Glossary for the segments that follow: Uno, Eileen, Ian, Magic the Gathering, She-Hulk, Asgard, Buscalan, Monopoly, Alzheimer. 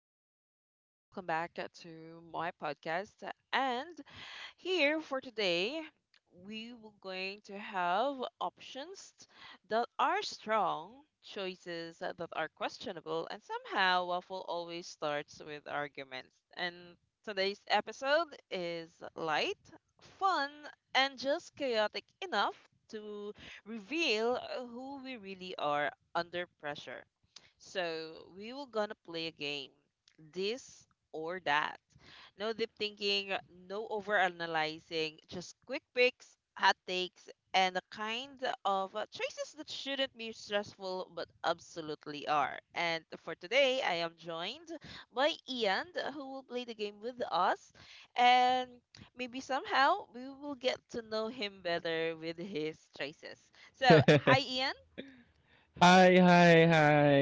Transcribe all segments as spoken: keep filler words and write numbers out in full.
people, and welcome back uh, to my podcast. And here for today, we will going to have options that are strong, choices that are questionable, and somehow waffle always starts with arguments. And today's episode is light, fun, and just chaotic enough to reveal who we really are under pressure. So we will gonna play a game, this or that. No deep thinking, no overanalyzing, just quick picks, hot takes, and the kind of uh, choices that shouldn't be stressful but absolutely are. And for today, I am joined by Ian, who will play the game with us, and maybe somehow we will get to know him better with his choices. So, hi, Ian. Hi, hi, hi,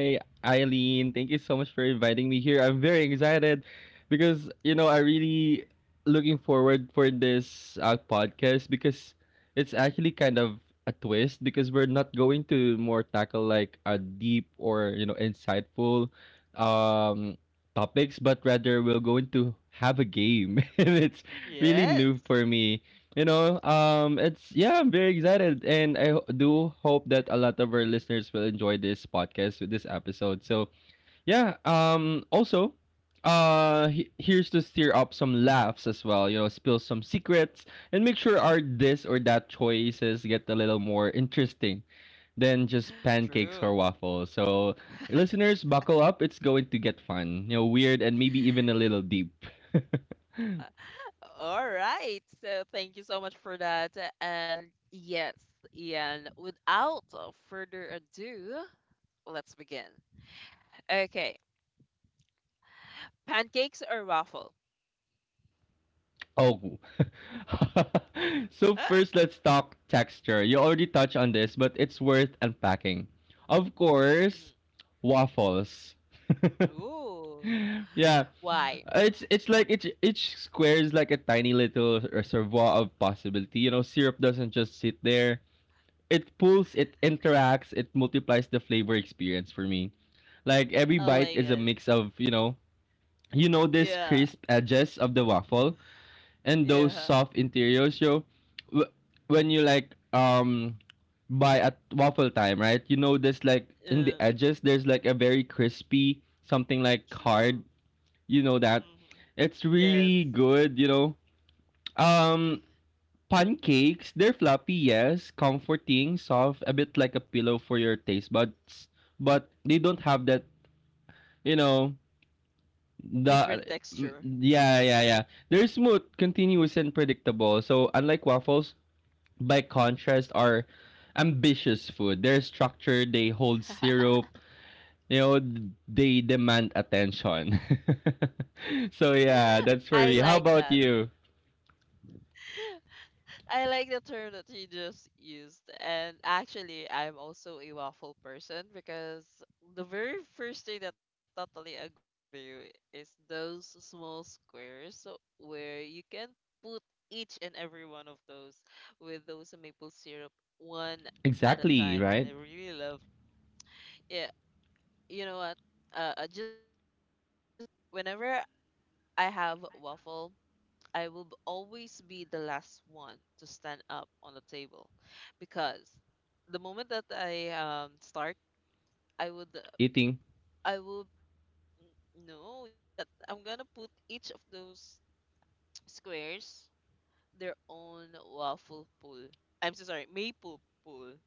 Eileen. Thank you so much for inviting me here. I'm very excited because you know I really looking forward for this uh, podcast because it's actually kind of a twist because we're not going to more tackle like a deep or you know insightful um topics, but rather we're going to have a game, and it's really new Yes, for me. You know um it's yeah, I'm very excited and i ho- do hope that a lot of our listeners will enjoy this podcast with this episode. So yeah, um also, uh he- here's to stir up some laughs as well, you know, spill some secrets and make sure our this or that choices get a little more interesting than just pancakes true. or waffles. So listeners, buckle up, it's going to get fun, you know, weird, and maybe even a little deep. All right. So thank you so much for that. And yes, Ian, without further ado, let's begin. Okay. Pancakes or waffle? Oh. So Huh? first let's talk texture. You already touched on this, but it's worth unpacking. Of course, Mhm. waffles. Ooh. Yeah, Why? it's it's like each each square is like a tiny little reservoir of possibility. You know, syrup doesn't just sit there. It pulls, it interacts, it multiplies the flavor experience for me. Like every bite is a Alayan. mix of, you know, you know this Yeah. crisp edges of the waffle and those Yeah. soft interiors, yo, w- when you like um buy at waffle time, right? You know, there's like in the Uh, edges, there's like a very crispy something like hard. true. You know that Mhm. it's really Yes. good. You know, um, pancakes, they're fluffy, yes, comforting, soft, a bit like a pillow for your taste buds, but they don't have that. You know Different the texture. yeah yeah yeah they're smooth, continuous, and predictable. So unlike waffles, by contrast are ambitious food. Their structure, they hold syrup, you know, they demand attention. So yeah, that's I for me. like How that. about you? I like the term that you just used. And actually, I'm also a waffle person because the very first thing that I totally agree with you is those small squares so- where you can put each and every one of those with those maple syrup one at a Exactly, time. And right? I really love. Yeah, you know what? Uh, uh, just a quick story of this. Whenever I have waffle, I will b- always be the last one to stand up on the table because the moment that I um, start, I would Eating. I will put n- no yet. I'm gonna put each of those squares their own waffle pool. I'm so sorry, maple pool.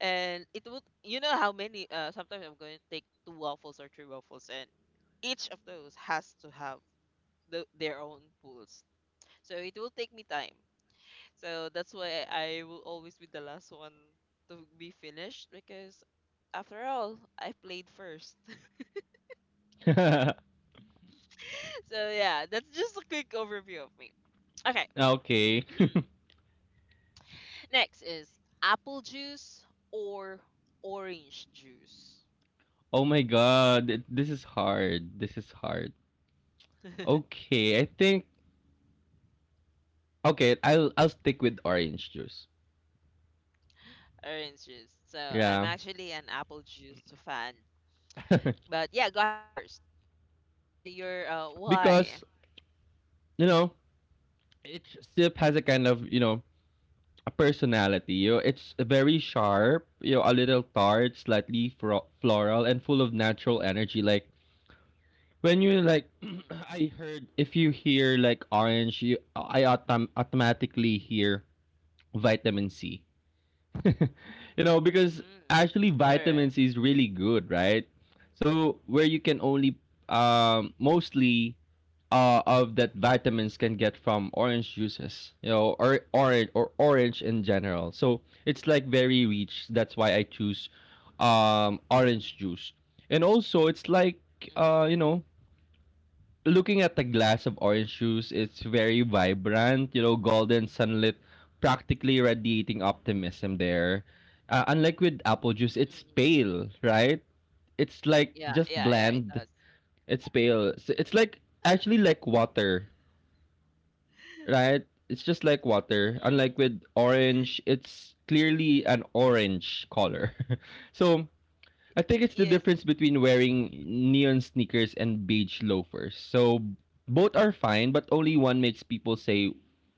And it would, you know how many, uh, sometimes I'm going to take two waffles or three waffles and each of those has to have the, their own pools. So it will take me time. So that's why I will always be the last one to be finished because after all, I played first. So yeah, that's just a quick overview of me. Okay. Okay. Next is apple juice or orange juice. Oh my god, th- this is hard. This is hard. Okay, I think okay, I'll I'll stick with orange juice. Orange juice. So I'm Yeah. actually an apple juice fan. But yeah, go ahead first. What's uh your uh why? Because, you know, each sip has a kind of, you know, a personality. You know, it's very sharp, you know, a little tart, slightly fro- floral, and full of natural energy. Like when you like, Mm-hmm. I heard if you hear like orange, you I autom- automatically hear vitamin C. You know, because Mm. actually All right. vitamin C is really good, right? So where you can only Yeah. um mostly uh, of that vitamins can get from orange juices, you know, or orange or orange in general. So it's like very rich. That's why I choose um, orange juice. And also, it's like uh, you know, looking at the glass of orange juice, it's very vibrant. You know, golden sunlit, practically radiating optimism there. Uh, unlike with apple juice, Mm. it's pale, right? It's like Yeah, just yeah, yeah, bland. it It's pale. So does. it's like actually like water, right? It's just like water. Mm, Unlike with orange, it's true. clearly an orange color. So I think it's the Yes, difference between wearing neon sneakers and beige loafers. So both are fine, but only one makes people say,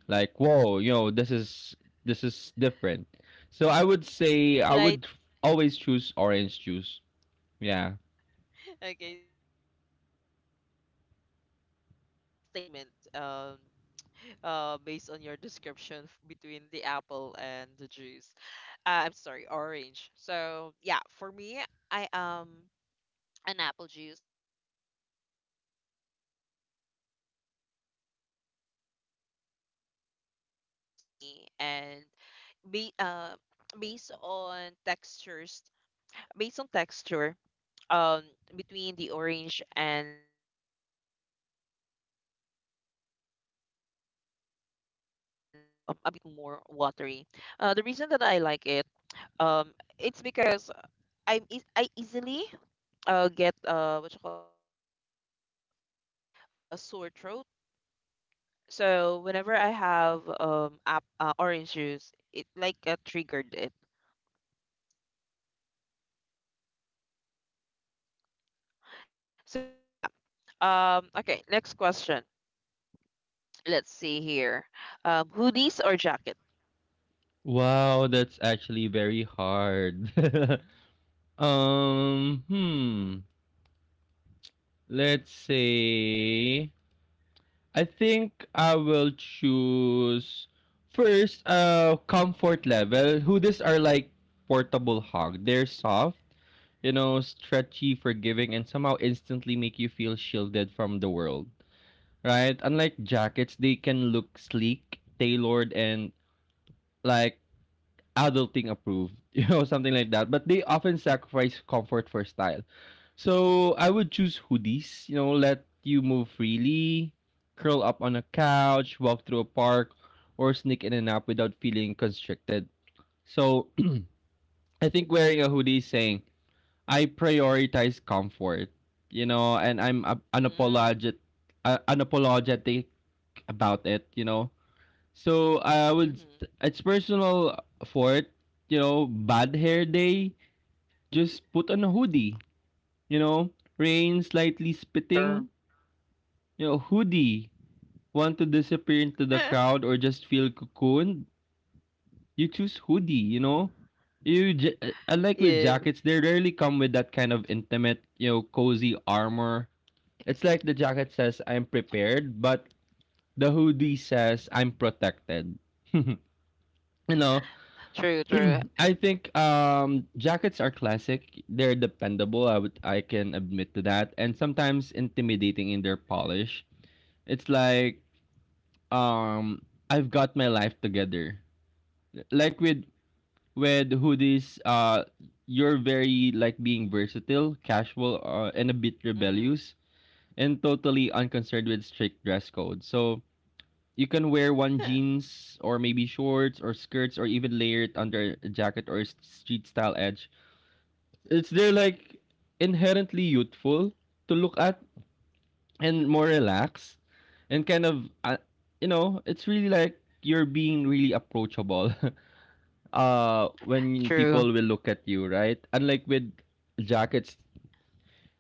like, "Whoa, you know, this is this is different." So I would say I like. would always choose orange juice. Yeah. Okay, so, so like it is, uh, saying a a statement um uh based on your description f- between the apple and the juice. Uh, I'm sorry, orange. So yeah, for me, I am an apple juice, and like you mentioned, it's a little bit of bland, a little bit of tangy, and be uh based on textures, based on texture, um between the orange and the the apple. Apple is indeed uh, a bit more watery. Uh, the reason that I like it, um it's because i'm eas I easily uh get, uh what you call this, I easily get uh sore throat. So whenever I have um app, uh, orange juice, it like uh, triggered it. So yeah. Um okay, next question. Let's see here. Um hoodies or jacket? Wow, that's actually very hard. um, hmm. Let's say I think I will choose first uh comfort level. Hoodies are like portable hug. They're soft, you know, stretchy, forgiving, and somehow instantly make you feel shielded from the world. Right? Unlike jackets, they can look sleek, tailored, and like adulting approved, you know, something like that. But they often sacrifice comfort for style. So I would choose hoodies, you know, let you move freely, curl up on a couch, walk through a park, or sneak in and out without feeling constricted. So I think wearing a hoodie is saying, I prioritize comfort, you know, and I'm a- Hmm. unapologetic, uh, unapologetic about it, you know. So I would Mm-hmm. it's personal fourth, you know, bad hair day, just put on a hoodie, you know, rain True, slightly true. spitting, you know, hoodie. Want to disappear into the crowd or just feel cocooned? You choose hoodie, you know. You j- I like with Yes. jackets, they rarely come with that kind of intimate, you know, cozy armor. It's like the jacket says I'm prepared, but the hoodie says I'm protected. You know, True, true. I think um jackets are classic. They're dependable. I would I can admit to that. And sometimes intimidating in their polish. It's like um I've got my life together. Like with with hoodies, uh you're very like being versatile, casual, uh, and a bit Mm-hmm. rebellious and totally unconcerned with strict dress code. So you can wear one jeans or maybe shorts or skirts or even layer it under a jacket or a street style edge. It's they're like inherently youthful to look at Hmm. and more relaxed and kind of uh, you know it's really like you're being really approachable. Uh when True, people will look at you, right? Unlike with jackets,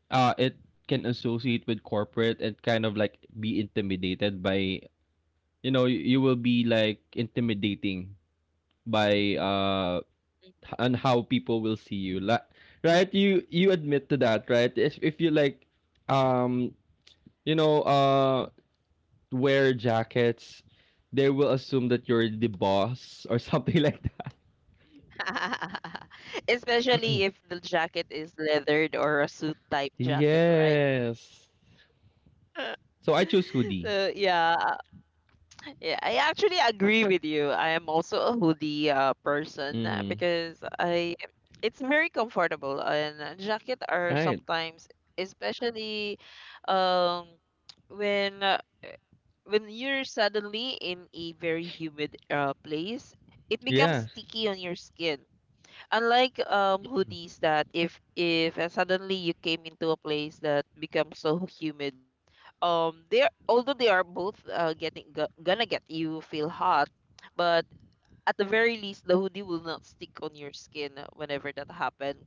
uh it can associate with corporate and kind of like be intimidated by, you know, you, you will be like intimidating by uh and how people will see you. Like, right, you you admit to that, right? If, if you like um true. you know uh wear jackets, they will assume that you're the boss or something like that. Especially if the jacket is leathered or a suit type jacket, right? Yes. So I choose hoodie. So yeah, yeah, I actually agree with you. I am also a hoodie uh, person, uh, Mm-hmm. because I, it's very comfortable, and uh, jacket are Right. sometimes especially um when when you're suddenly in a very humid uh, place, it becomes Yes. sticky on your skin. Unlike um hoodies that if if uh, suddenly you came into a place that becomes so humid, um they are, although they are both uh, getting go- gonna get you feel hot, but at the very least the hoodie will not stick on your skin uh, whenever that happened.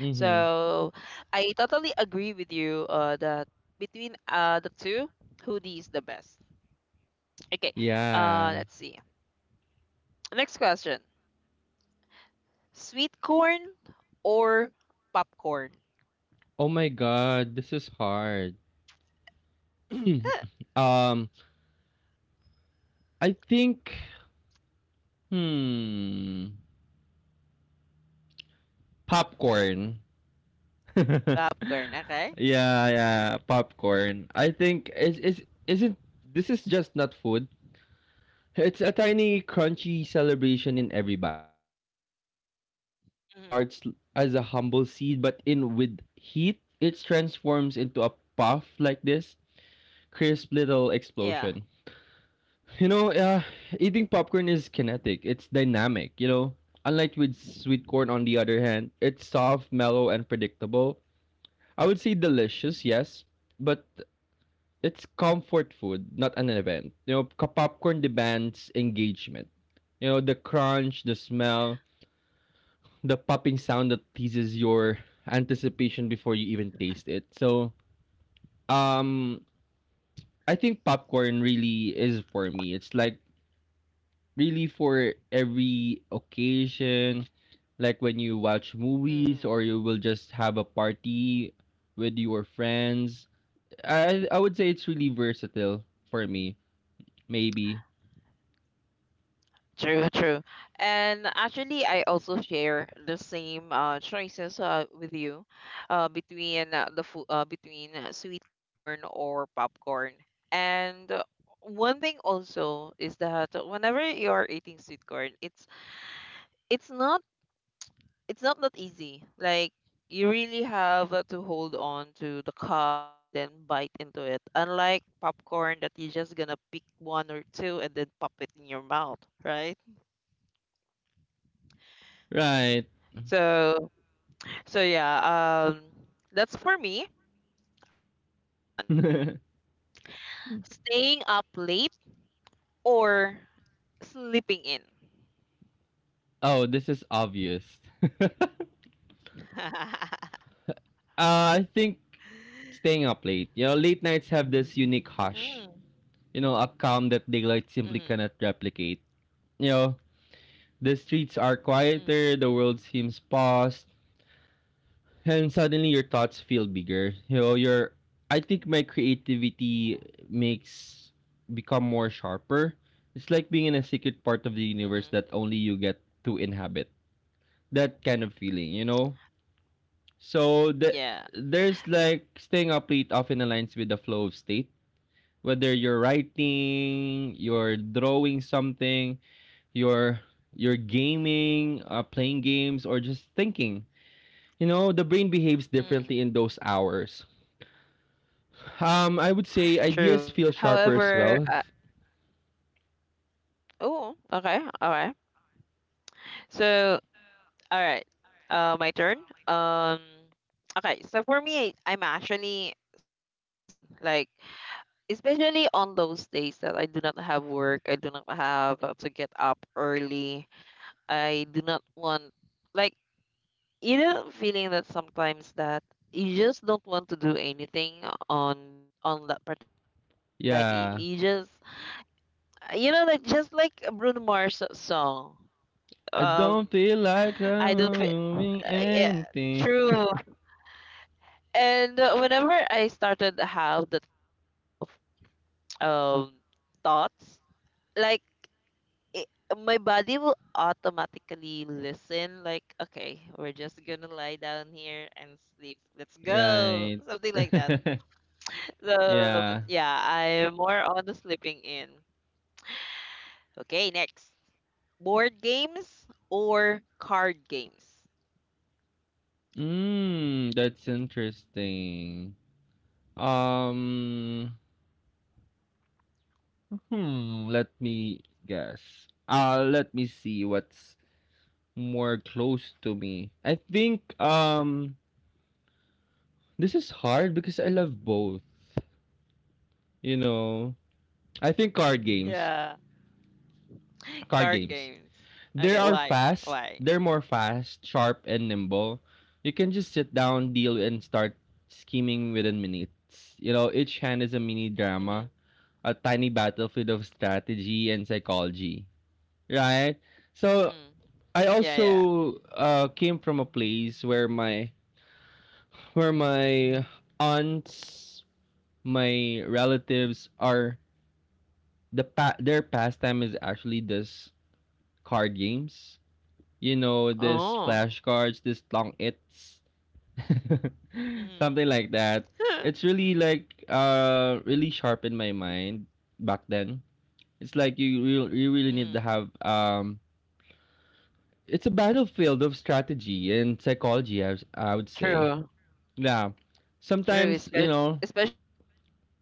Mm-hmm. So I totally agree with you uh, that between uh the two, hoodie is the best. Okay. Uh, yeah. let's see. Next question: sweet corn or popcorn? Oh my god, this is hard. um I think hmm popcorn. Popcorn. Okay. Yeah, yeah, popcorn. I think is is isn't this is just not food. It's a tiny crunchy celebration in every bite for me. You know, each kernel Mhm. starts as a humble seed, but in with heat, it transforms into a puff like this crisp little Yeah. explosion. You know, uh, eating popcorn is kinetic. It's dynamic. You know, unlike with sweet corn on the other hand, it's soft, mellow, and predictable. I would say delicious, yes, but it's Hmm. comfort food, not an event. You know, k- popcorn demands engagement. You know, the crunch, the smell, the popping sound that teases your anticipation before you even taste it. So, um, I think popcorn really is for me. It's like really for every occasion, like when you watch movies Hmm. or you will just have a party with your friends. I I would say it's really versatile for me. Maybe. True. True. And actually, I also share the same uh, choices uh, with you, uh, between uh, the food, uh, between uh, sweet corn or popcorn. And uh, one thing also is that whenever you are eating sweet corn, it's it's not it's not that easy. Like you really have uh, to hold on to the cob and then bite into it. Unlike popcorn that you're just gonna pick one or two and then pop it in your mouth, right? Right. So so yeah, um that's for me. Okay, this one. Staying up late or sleeping in. Oh, this is obvious. uh, I think staying up late. You know, late nights have this unique hush. Mm, You know, a calm that daylight simply mm, cannot replicate. You know, the streets are mm, quieter, the world seems paused, and suddenly your thoughts feel bigger. You know, your I think my creativity makes become more sharper. It's like being in a secret part of the universe mm, that only you get to inhabit. That kind of feeling, you know. So the, yeah. there's like staying up late often aligns with the flow of state. Whether you're Mm, writing, you're drawing something, you're you're gaming, uh, playing games, or just thinking, you know the brain behaves mm. differently in those hours. Um, I would say True. ideas feel sharper as However, well. uh, oh, okay, all right. So, all right. Uh, my turn. Um, okay. So for me, I'm actually sleeping in, like especially on those days that I do not have work, I do not have uh, to get up early. I do not want, like, you know, feeling that sometimes that you just don't want to do anything on on that particular day. Like y- Yeah. you just, you know, like just like Bruno Mars song. I Um, don't feel like I'm I don't. Uh, moving yeah, anything. true. And uh, whenever I started to have that kind of um thoughts, like it, my body will automatically listen. Like, okay, we're just gonna lie down here and sleep. Let's go, Right. something like that. So Yeah. yeah, I'm more on the sleeping in. Okay, next, board games or card games? Mm, that's interesting. Um, hmm, let me guess. Uh, let me see what's more close to me. I think, um, this is hard because I love both, you know. I think card games. Yeah, Card card games. games. They Okay, are why? fast. Why? They're more fast, sharp, and nimble. You can just sit down, deal, and start scheming within minutes. You know, each hand is a mini drama, Mm-hmm. a tiny battlefield of strategy and psychology, right? So Mhm. I Yeah, yeah. also uh, came from a place where my where my aunts, my relatives are the pa- their pastime is actually this card games, you know, this Oh. flashcards, this long its, Mhm. something like that. It's really like uh really sharpened my mind back then. It's like you real you really need to Mhm. have um it's a battlefield of strategy and psychology I, was- I would say. True. Yeah. True. Sometimes, you Espe- know, Especially poker.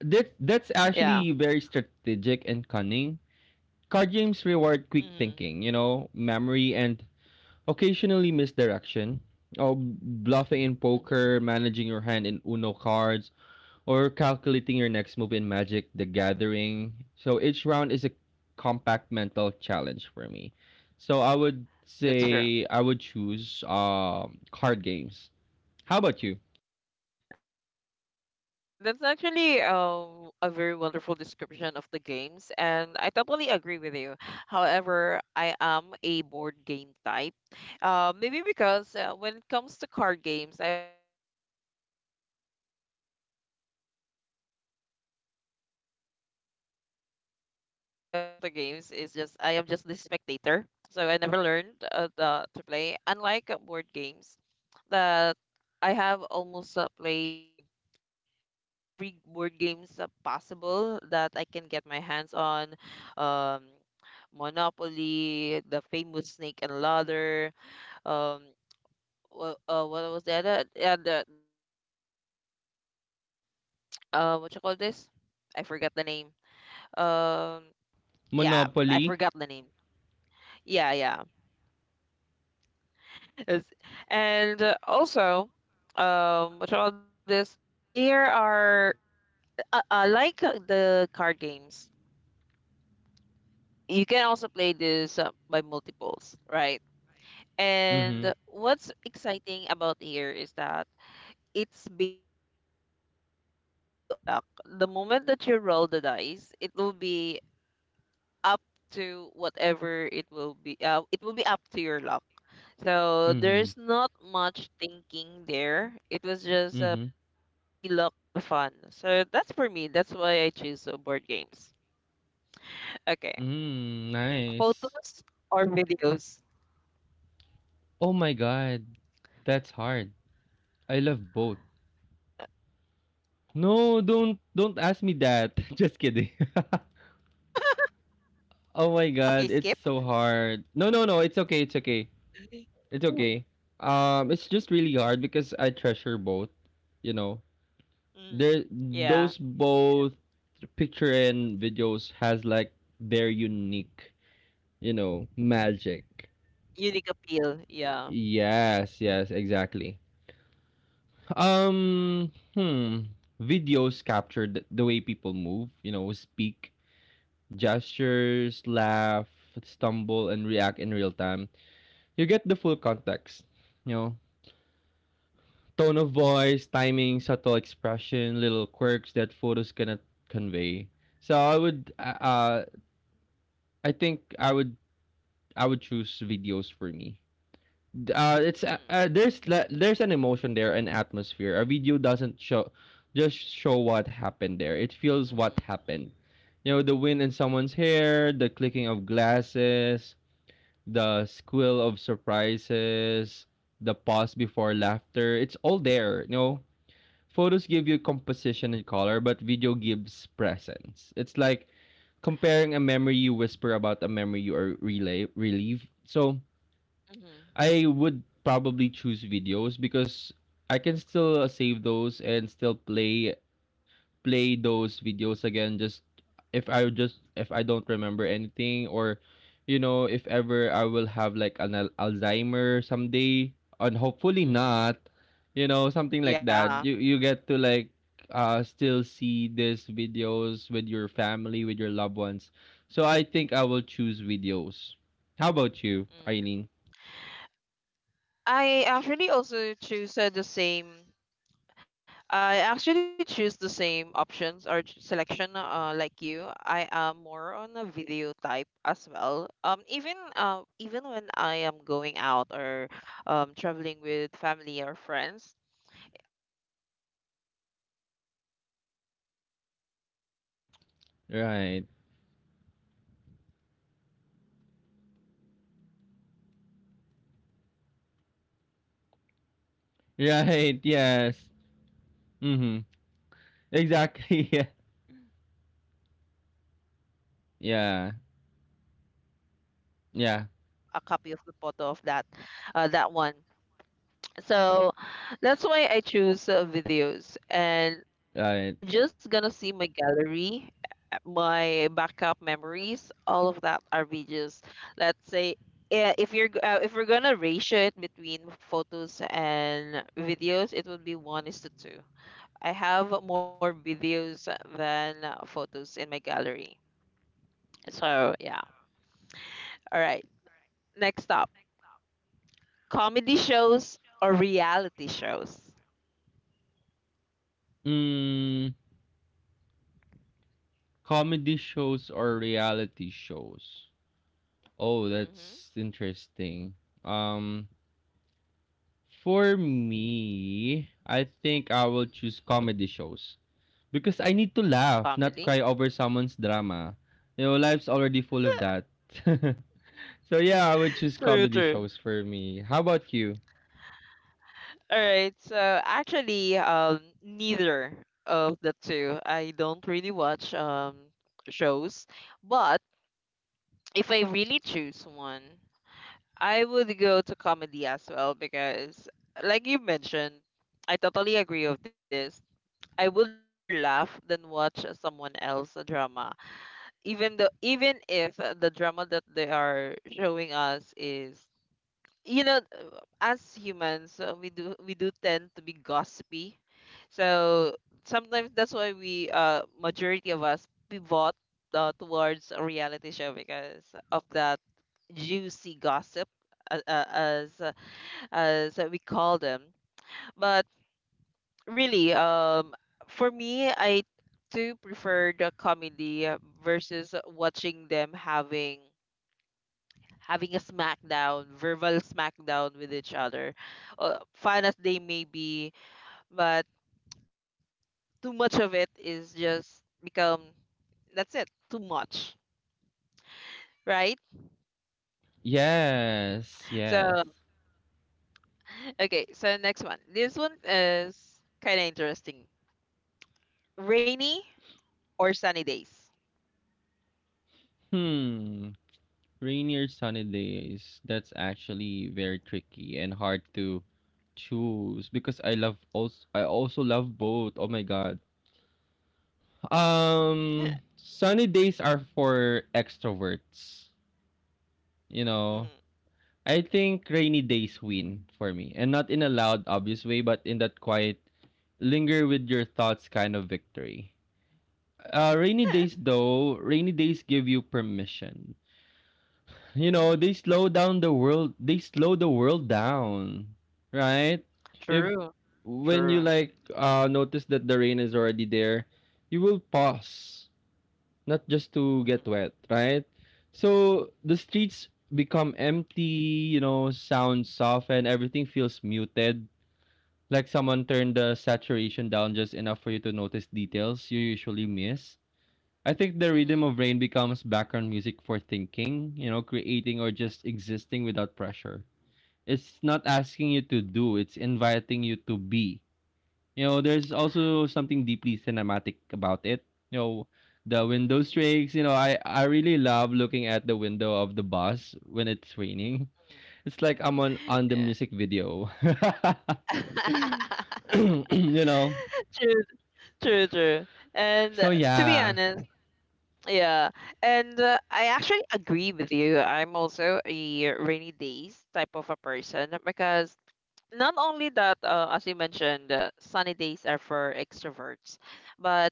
that that's Yeah. actually very strategic and cunning. Card games reward quick Mhm. thinking, you know, memory and occasionally misdirection, or bluffing in Mhm. poker, managing your hand in Uno cards, or calculating your next move in Magic the Gathering. So each round is a compact mental challenge for me. So I would That's say true. I would choose um card games. How about you? Okay, so that's actually um, a very wonderful description of the games, and I totally agree with you. However, I am a board game type. Uh, maybe because uh, when it comes to card games, I only know uh, two games, which is the Tong It's and the Uno. But the rest of the games is just, I am just the spectator. So I never learned, uh, the, to play, unlike uh, board games that I have almost uh, played. Um, every board games uh, possible that I can get my hands on. Um, Monopoly, the famous Snake and Ladder. Um, wha- uh, what was the other? Yeah, the, there's also the um, uh, what you call this? I forgot the name. Um, yeah, I Monopoly? forgot the name. Yeah, yeah. It's- and uh, also, um, what you call this? There are uh, uh, like uh, the card games. You can also play this uh, by multiples, right? Mhm. And what's exciting about here is that it's based on luck, purely on luck. The moment that you roll the dice, it will be up to whatever it will be. Uh, it will be up to your luck. So Mhm. there's not much thinking there. It was just uh, Mhm. purely luck and fun. So that's for me. That's why I choose uh, board games. Okay, Mm, nice. photos or videos. Oh my god. That's hard. I love both. No, Right? don't Especially don't with ask me social that. medias, Just right? kidding. Oh my Okay, god, skip. it's so hard. No, no, no, it's okay, it's okay. It's Mm. okay. Um, it's just really hard because I treasure both, you know. Mm, There yeah. those both picture and videos has like their unique, you know, magic. Unique appeal. Yeah. Yes, yes, exactly. Um, hmm. Videos capture the, the way people move, you know, speak, gestures, laugh, stumble, and react in real time. You get the full context. You know, tone of voice, timing, subtle expression, little quirks that photos cannot convey. So I would, uh, uh, I think I would, I would choose videos for me. Uh, it's uh, uh, Mm-hmm. There's la- there's an emotion there, an atmosphere. A video doesn't show, just show what happened there. It feels Mm-hmm. what happened. You know, the wind in someone's hair, the clicking of glasses, the squeal of surprises, the pause before laughter. It's all there, you know. Photos give you Yeah. composition and color, but video gives presence. It's like comparing a memory you whisper about a memory you are relay relieve. So Mm-hmm. I would probably choose videos because I can still save those and still play play those videos again, just if I would just if I don't remember anything, or you know, if ever I will have like an al- Alzheimer someday, and hopefully not, Mm-hmm. you know, something like that. Yeah. You you get to like, uh, still see these videos with your family, with your loved ones. So I think I will choose videos. How about you, Mm. Eileen? I actually also choose uh, the same. I actually choose the same options or ch- selection uh, like you. I am more on a video type as well. Um, even uh, even when I am going out or um, traveling with family or friends, I choose uh, videos, uh, uh, maybe because uh there is an Right. option in in in in videos nowadays, right? That you can um like like for Right, example, you're taking yes. a video of, Mhm. and then there's a scene Exactly. that Yeah. you wanted to have it uh, in a po- photo, that while you're Yeah. taking a video, so you just click on it and there you go. You Yeah. have a, a copy of the photo of that uh, that one. So that's why I choose uh, videos. And if you're Right. just gonna see my gallery, uh, my backup memories, all of that are videos. Let's say eh, if you're g- uh, if we're gonna ratio it between photos and videos, it would be one is to two. I have more videos than uh, photos in my gallery. So yeah. All right. Next up, comedy shows or reality shows. Mm, comedy shows or reality shows? Oh, Mm-hmm. that's interesting. Um, for me, I think I will choose comedy shows because I need to laugh, Comedy. not cry over someone's drama. You know, life's already full of that. So yeah, I would choose True, comedy true. shows for me. How about you? All right. So actually, um, neither of the two. I don't really watch um shows, but if I really choose one, I would go to comedy as well because, like you mentioned, I totally agree with this. I would rather laugh than watch someone else's drama, even though even if the drama that they are showing us is, you know, uh, as humans, uh, we do, we do tend to be gossipy. So sometimes that's why we, uh, majority of us pivot uh, towards a reality show because of that juicy gossip, uh, uh, as uh, as we call them. But really, um for me, I do prefer the comedy uh, versus watching them having, having a smackdown, verbal smackdown with each other, uh, fun as they may be, but too much of it is just become, that's it, too much, right? Yes, So yes. okay, so next one. This one is kind of interesting. Rainy or sunny days. Hmm. Rainy or sunny days, that's actually very tricky and hard to choose because I love also I also love both. Oh my god. Um sunny days are for extroverts, you know. Mhm. I think rainy days win for me. And not in a loud obvious way, but in that quiet, linger with your thoughts kind of victory. Uh rainy days though, rainy days give you permission, you know. They Mhm. slow down the world they slow the world down, right? if True. When you True. like, uh notice that the rain is already there, you will pause, not just to get Mhm. wet, right? So the streets become empty, you know, sound soften, everything feels muted, like someone turned the saturation down just enough for you to notice details you usually miss. I think the rhythm Mhm. of rain becomes background music for thinking, you know, creating or just existing without pressure. It's not asking you to do, it's inviting you to be. You know, there's also something deeply cinematic about it. You know, the window Mhm. streaks, you know, I, I really love looking at the window of the bus when it's raining. Mhm. It's like I'm on, on the Yeah. music video. You know? True, true, true. And uh, So to be yeah. honest. Yeah, and uh, I actually agree with you. I'm also a rainy days type of a person because not only that, uh, as you mentioned, uh, sunny days are for extroverts, but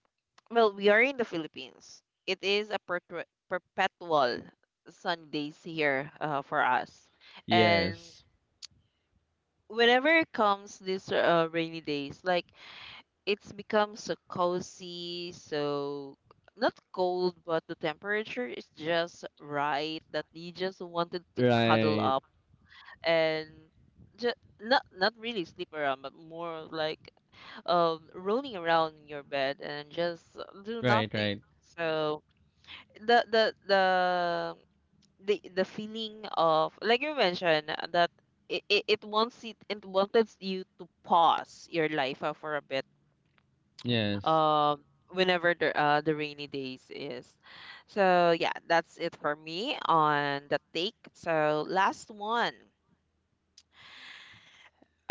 well, we are in the Philippines. It is a perpetu- perpetual sunny days here uh, for us, and Yes. whenever it comes this uh, rainy days, like it's become so cozy, so not cold, but the temperature is just right that you just wanted to cuddle Right. up and just not, not really sleep around, but more like um rolling around in your bed and just do Right, nothing. right. So the the the the the feeling of like you mentioned uh, that it, it, it wants, it it wanted you to pause your life uh, for a bit Yes. um whenever the uh, the rainy days is. So yeah, that's it for me on the take. So last one.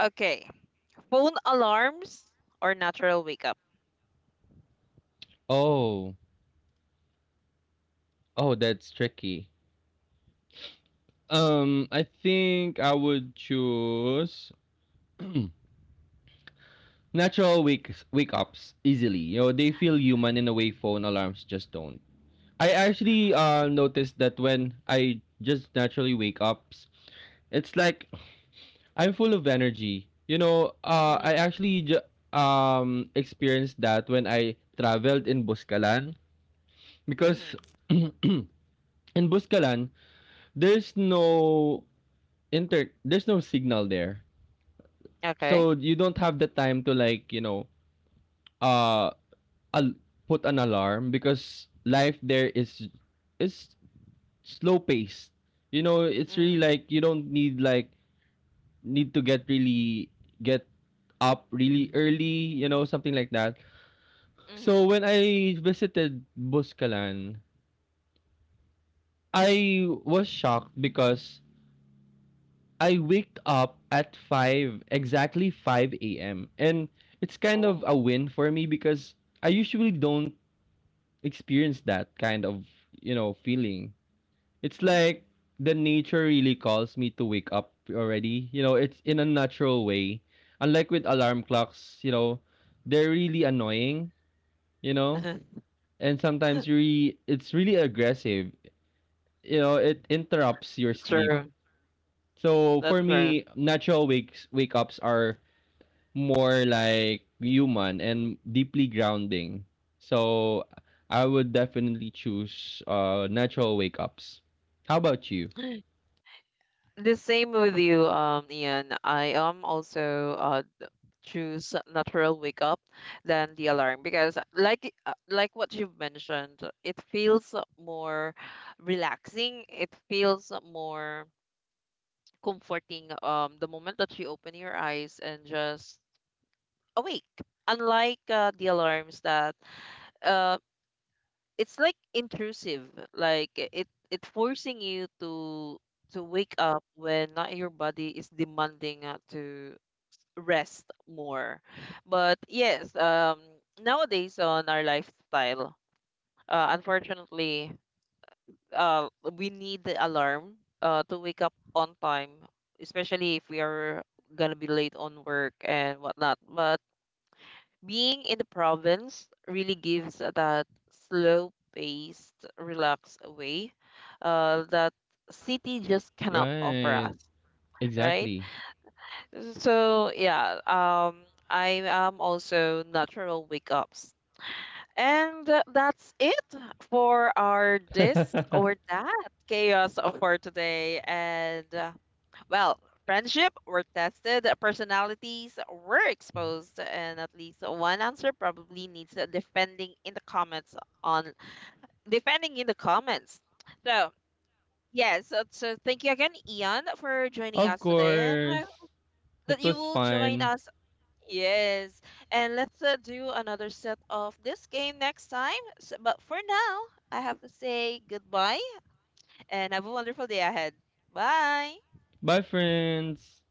Okay. Phone alarms or natural wake up. Oh. Oh, that's tricky. Um, I think I would choose natural wake wake ups easily. You know, they feel human in a way phone alarms just don't. I actually uh noticed that when I just naturally wake ups, it's like I'm full of energy. You know, uh, I Mhm. actually ju- um experienced that when I traveled in Buscalan, because Mhm. in Buscalan there's no inter there's no signal there. Okay. So you don't have the time to, like, you know, uh al- put an alarm, because life there is is slow paced. You know, it's really Mhm. like you don't need like need to get really get up really early, you know, something like that. So Mhm. when I visited Buscalan, I was shocked because I waked up at five, exactly five a m. And it's kind of Oh. a win for me because I usually don't experience that kind of, you know, feeling. It's Mhm. like the nature really calls me to wake up already. You know, it's in a natural way. Unlike with alarm clocks, you know, they're really annoying, you know, and sometimes really it's really aggressive. You know, it interrupts your sleep. True. So for That's true. me, natural wakes wake ups are more like human and deeply grounding. So I would definitely choose uh natural wake ups. How about you? The same with you, um, Ian. I am also uh choose natural wake up than the alarm because like uh, like what you've mentioned, it feels more relaxing, it feels more comforting, um the moment that you open your eyes and just awake, unlike uh, the alarms that uh it's like intrusive, like it it forcing you to to wake up when not your body is demanding uh, to rest more. But yes, um, nowadays on our lifestyle, uh, unfortunately, uh, we need the alarm uh, to wake up on time, especially if we are gonna be late on work and whatnot. But being in the province really gives that slow paced, relaxed way uh, that city just cannot offer Right. us, right? Exactly. So yeah, um, I am also natural wake ups. And uh, that's it for our this or that chaos for today. And uh, well, friendship were tested, personalities were exposed, and at least one answer probably needs a defending in the comments on defending in the comments. So yes, so so thank you again, Ian, for joining Of us today, and I course. hope that It you was will join fun. us. Yes. And let's uh, do another set of this game next time. S but for now, I have to say goodbye and have a wonderful day ahead. Bye. Bye friends.